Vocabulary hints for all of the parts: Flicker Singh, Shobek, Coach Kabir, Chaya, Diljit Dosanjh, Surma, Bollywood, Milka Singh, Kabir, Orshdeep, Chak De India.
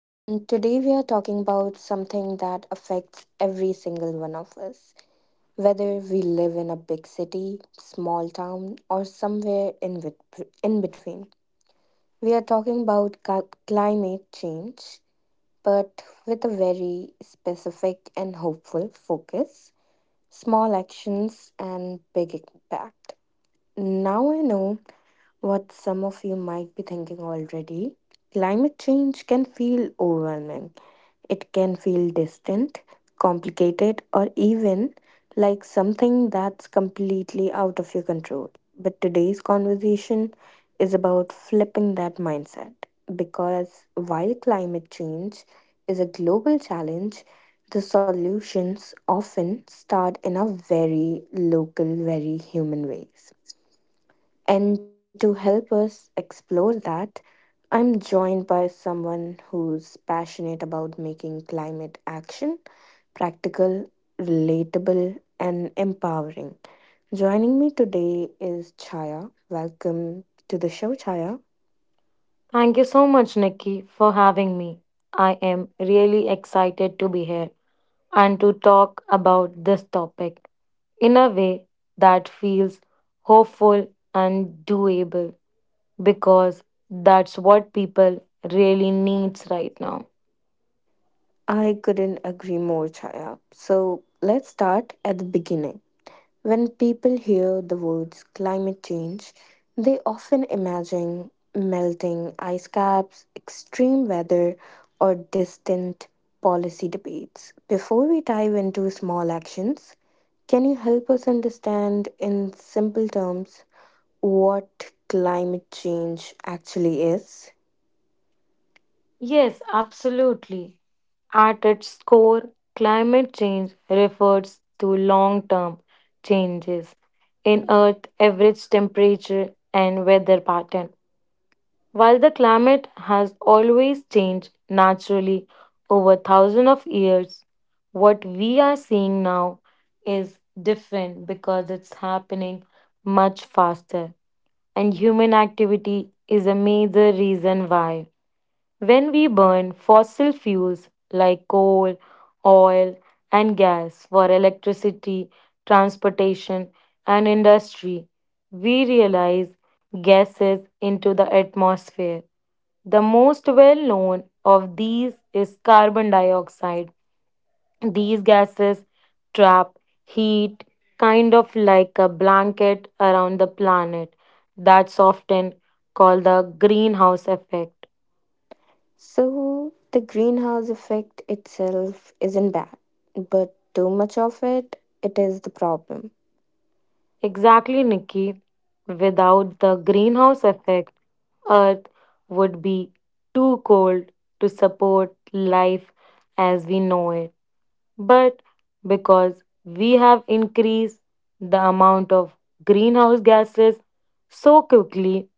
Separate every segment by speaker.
Speaker 1: and today we are talking about something that affects every single one of us, whether we live in a big city, small town, or somewhere in, in between. We are talking about climate change, but with a very specific and hopeful focus, small actions and big impact. Now, I know what some of you might be thinking already. Climate change can feel overwhelming. It can feel distant, complicated, or even like something that's completely out of your control. But today's conversation is about flipping that mindset, because while climate change is a global challenge, the solutions often start in a very local, very human ways. And to help us explore that, I'm joined by someone who's passionate about making climate action practical, relatable, and empowering. Joining me today is Chaya. Welcome to the show, Chaya.
Speaker 2: Thank you so much, Nikki, for having me. I am really excited to be here and to talk about this topic in a way that feels hopeful and doable because that's what people really needs right now.
Speaker 1: I couldn't agree more, Chaya. So let's start at the beginning. When people hear the words climate change, they often imagine melting ice caps, extreme weather, or distant policy debates. Before we dive into small actions, can you help us understand in simple terms what climate change actually is?
Speaker 2: Yes, absolutely. At its core, climate change refers to long term changes in Earth's average temperature and weather pattern. While the climate has always changed naturally over thousands of years, what we are seeing now is different because it's happening much faster. And human activity is a major reason why. When we burn fossil fuels like coal, oil, and gas for electricity, transportation, and industry, we realize gases into the atmosphere. The most well known of these is carbon dioxide. These gases trap heat kind of like a blanket around the planet. That's often called the greenhouse effect.
Speaker 1: So, the greenhouse effect itself isn't bad, but too much of it, it is the problem.
Speaker 2: Exactly, Nikki. Without the greenhouse effect, Earth would be too cold to support life as we know it. But because we have increased the amount of greenhouse gases so quickly,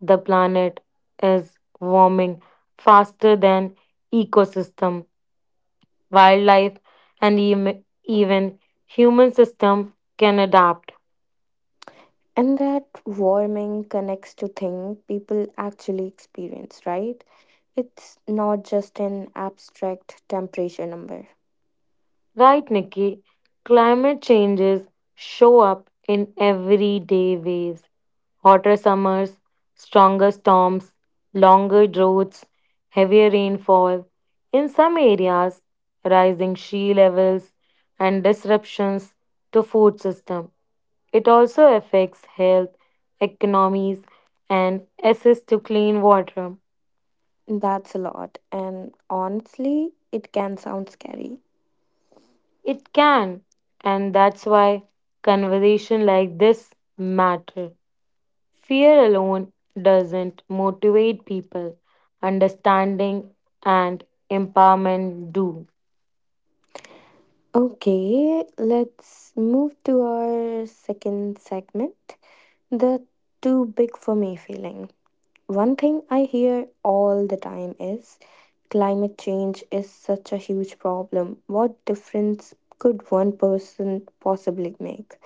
Speaker 2: the planet is warming faster than ecosystem, wildlife, and even human system can adapt.
Speaker 1: And that warming connects to things people actually experience, right? It's not just an abstract temperature number.
Speaker 2: Right, Nikki? Climate changes show up in everyday ways. Hotter summers, stronger storms, longer droughts, heavier rainfall, in some areas, rising sea levels, and disruptions to food system. It also affects health, economies, and access to clean water.
Speaker 1: That's a lot. And honestly, it can sound scary.
Speaker 2: It can, and that's why conversation like this matter. Fear alone doesn't motivate people. Understanding and empowerment do.
Speaker 1: Okay, let's move to our second segment, the too big for me feeling. One thing I hear all the time is climate change is such a huge problem. What difference could one person possibly make?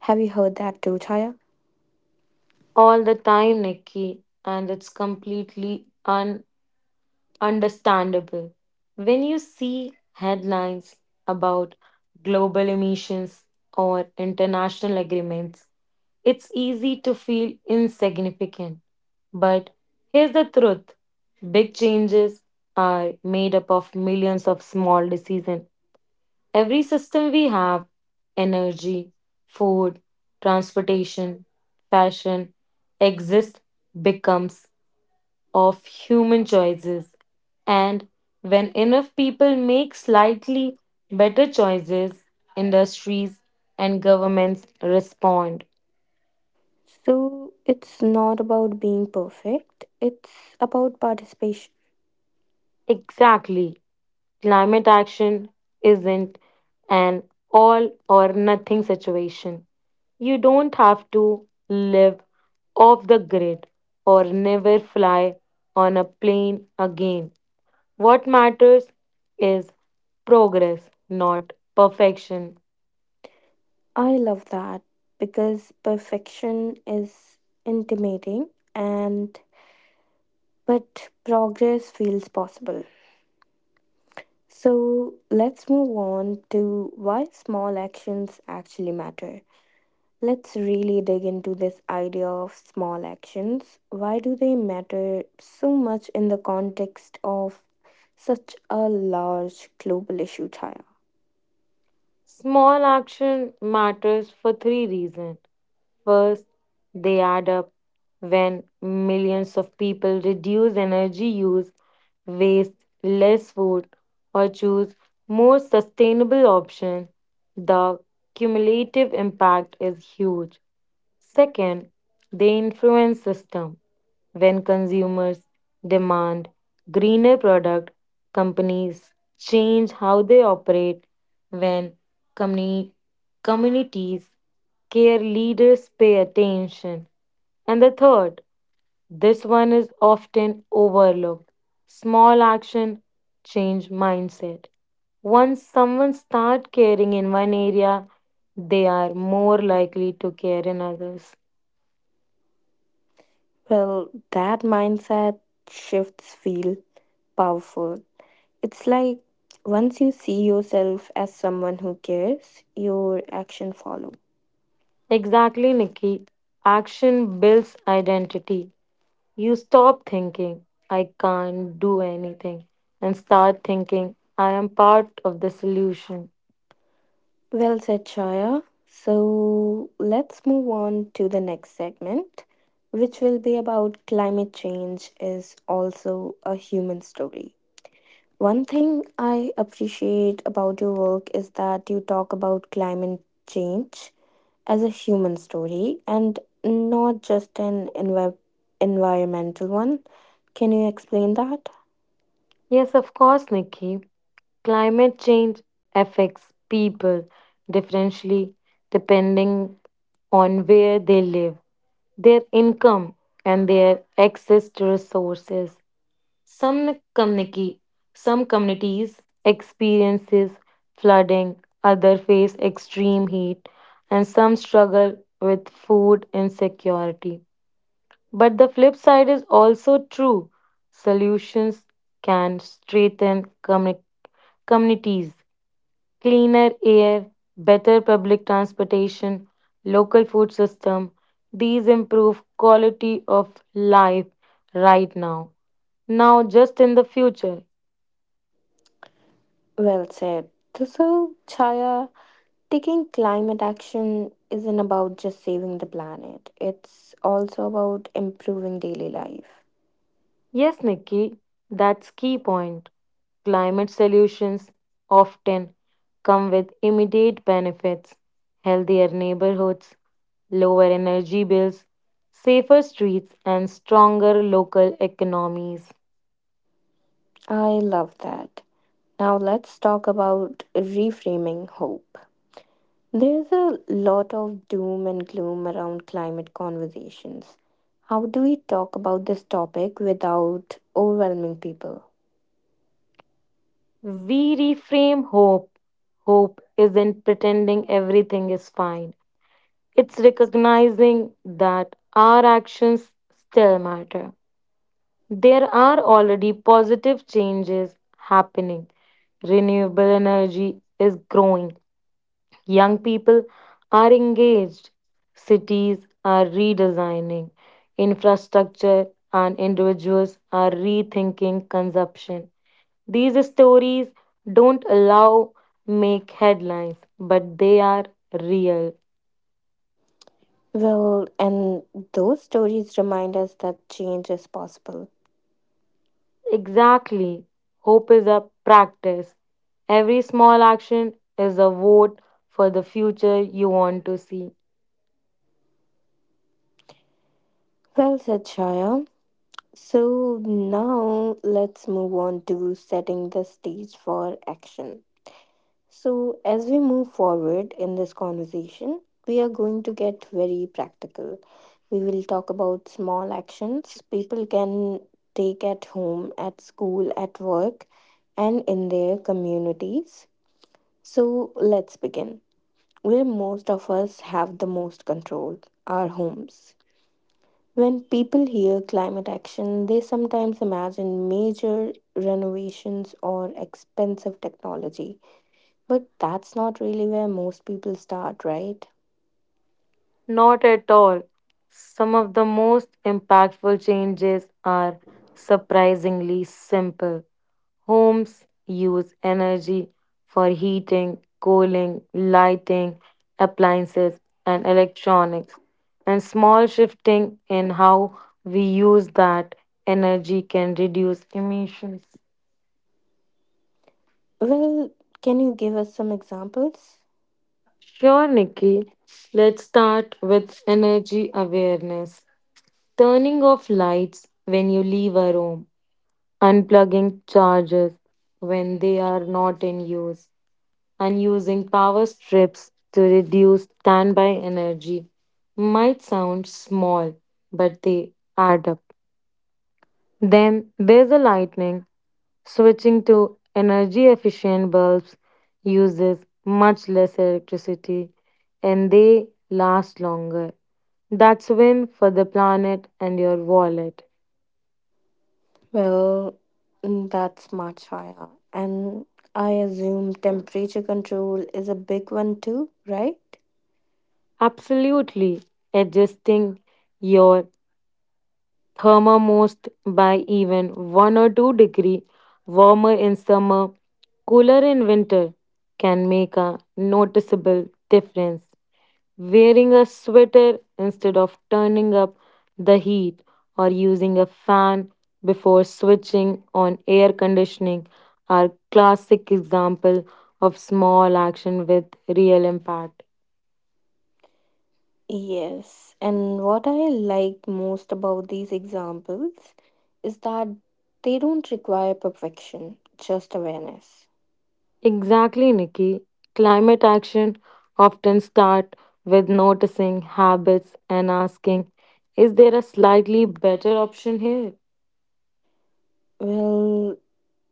Speaker 1: Have you heard that too, Chaya?
Speaker 2: All the time, Nikki, and it's completely understandable. When you see headlines about global emissions or international agreements, it's easy to feel insignificant. But here's the truth, big changes are made up of millions of small decisions. Every system we have, energy, food, transportation, fashion, exists becomes of human choices. And when enough people make slightly better choices, industries and governments respond.
Speaker 1: So it's not about being perfect, it's about participation.
Speaker 2: Exactly. Climate action isn't an all or nothing situation. You don't have to live off the grid or never fly on a plane again. What matters is progress, not perfection.
Speaker 1: I love that, because perfection is intimidating, and but progress feels possible. So let's move on to why small actions actually matter. Let's really dig into this idea of small actions. Why do they matter so much in the context of such a large global issue, Chaya?
Speaker 2: Small action matters for three reasons. First, they add up when millions of people reduce energy use, waste less food, or choose more sustainable options. The cumulative impact is huge. Second, they influence system. When consumers demand greener product, companies change how they operate. When communi- communities care, leaders pay attention. And the third, this one is often overlooked. Small action change mindset. Once someone start caring in one area, they are more likely to care in others.
Speaker 1: Well, that mindset shifts feel powerful. It's like once you see yourself as someone who cares, your action follows.
Speaker 2: Exactly, Nikki. Action builds identity. You stop thinking, I can't do anything, and start thinking, I am part of the solution.
Speaker 1: Well said, Chaya. So let's move on to the next segment, which will be about climate change is also a human story. One thing I appreciate about your work is that you talk about climate change as a human story and not just an environmental one. Can you explain that?
Speaker 2: Yes, of course, Nikki. Climate change affects people differently depending on where they live, their income, and their access to resources. Some community, some communities experiences flooding, other face extreme heat, and some struggle with food insecurity. But the flip side is also true. Solutions can strengthen communities. Cleaner air, better public transportation, local food system, these improve quality of life right now. Now just in the future.
Speaker 1: Well said. So, Chaya, taking climate action isn't about just saving the planet, it's also about improving daily life.
Speaker 2: Yes, Nikki, that's key point. Climate solutions often come with immediate benefits, healthier neighborhoods, lower energy bills, safer streets, and stronger local economies.
Speaker 1: I love that. Now let's talk about reframing hope. There's a lot of doom and gloom around climate conversations. How do we talk about this topic without overwhelming people?
Speaker 2: We reframe hope. Hope isn't pretending everything is fine. It's recognizing that our actions still matter. There are already positive changes happening. Renewable energy is growing. Young people are engaged. Cities are redesigning infrastructure, and individuals are rethinking consumption. These stories don't allow make headlines, but they are real.
Speaker 1: Well, and those stories remind us that change is possible.
Speaker 2: Exactly. Hope is a practice. Every small action is a vote for the future you want to see.
Speaker 1: Well said, Shaya. So now let's move on to setting the stage for action. So, as we move forward in this conversation, we are going to get very practical. We will talk about small actions people can take at home, at school, at work, and in their communities. So, let's begin. Where most of us have the most control, our homes. When people hear climate action, they sometimes imagine major renovations or expensive technology. But that's not really where most people start, right?
Speaker 2: Not at all. Some of the most impactful changes are surprisingly simple. Homes use energy for heating, cooling, lighting, appliances, and electronics. And small shifting in how we use that energy can reduce emissions.
Speaker 1: Well, can you give us some examples?
Speaker 2: Sure, Nikki. Let's start with energy awareness. Turning off lights when you leave a room, unplugging chargers when they are not in use, and using power strips to reduce standby energy might sound small, but they add up. Then there's a lightning. Switching to energy efficient bulbs uses much less electricity and they last longer. That's win for the planet and your wallet.
Speaker 1: Well, that's much higher. And I assume temperature control is a big one too, right?
Speaker 2: Absolutely. Adjusting your thermomost by even 1 or 2-degree warmer in summer, cooler in winter can make a noticeable difference. Wearing a sweater instead of turning up the heat or using a fan before switching on air conditioning are classic example of small action with real impact.
Speaker 1: Yes, and what I like most about these examples is that they don't require perfection, just awareness.
Speaker 2: Exactly, Nikki. Climate action often start with noticing habits and asking, is there a slightly better option here?
Speaker 1: Well,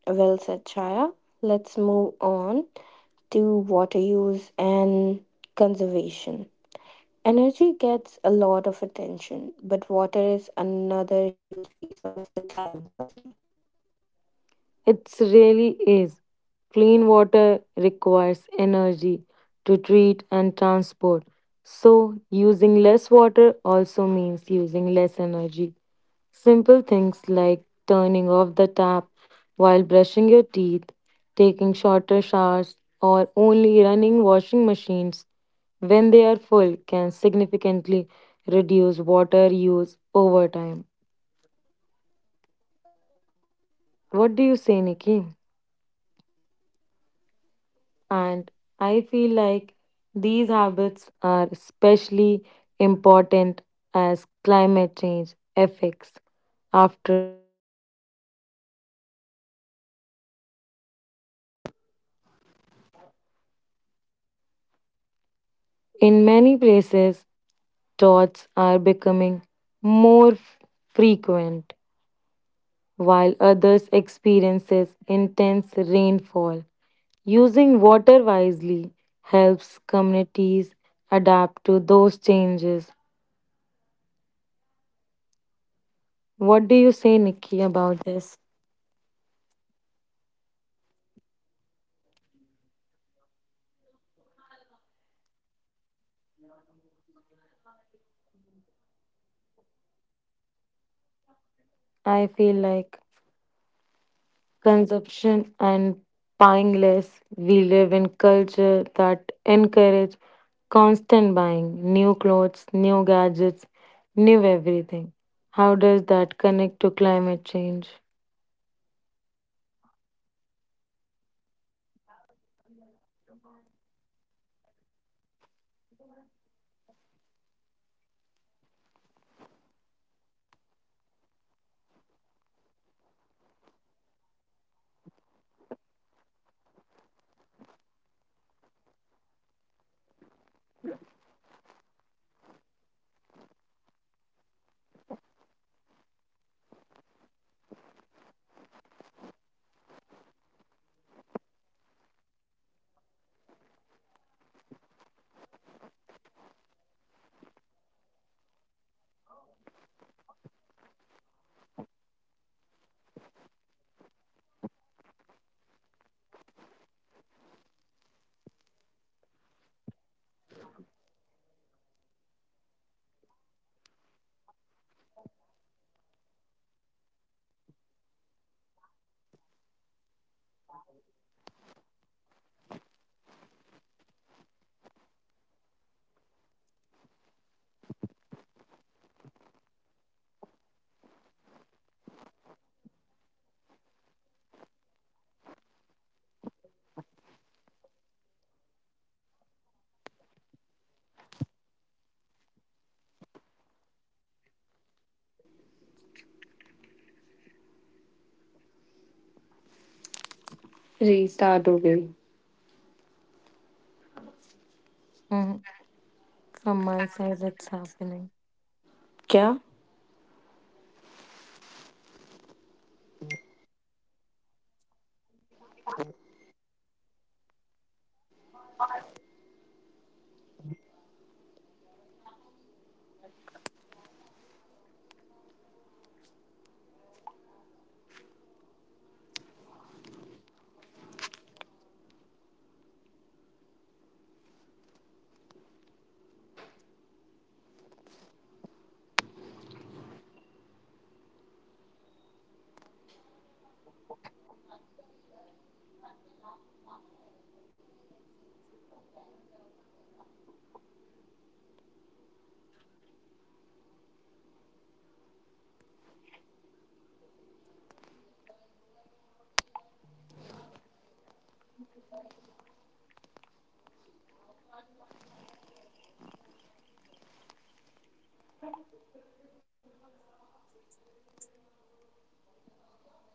Speaker 1: well said, Chaya. Let's move on to water use and conservation. Energy gets a lot of attention, but water is another huge piece of the climate puzzle.
Speaker 2: It really is. Clean water requires energy to treat and transport. So, using less water also means using less energy. Simple things like turning off the tap while brushing your teeth, taking shorter showers, or only running washing machines when they are full can significantly reduce water use over time. What do you say, Nikki? And I feel like these habits are especially important as climate change affects after. In many places, thoughts are becoming more frequent, while others experiences intense rainfall. Using water wisely helps communities adapt to those changes. What do you say, Nikki, about this?
Speaker 1: Ishita
Speaker 2: I feel like
Speaker 1: recharge कर दो
Speaker 2: consumption and buying less. We live in culture that
Speaker 1: do
Speaker 2: encourage
Speaker 1: GB वाला करना
Speaker 2: constant buying, new clothes, new gadgets, new everything. How does that connect to climate change? Mhm. From my side, that's happening.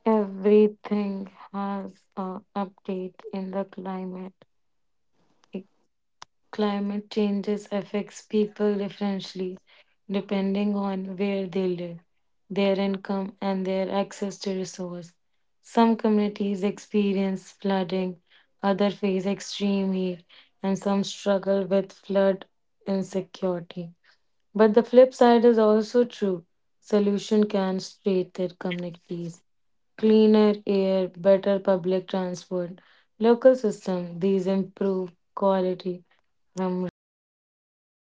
Speaker 2: Everything has a update in the climate. Climate changes affects people differently depending on where they live, their income, and their access to resource. Some communities experience flooding, others face extreme heat, and some struggle with flood insecurity. But the flip side is also true. Solution can straighten communities, cleaner air, better public transport, local system. These improve quality Vamos lá ir.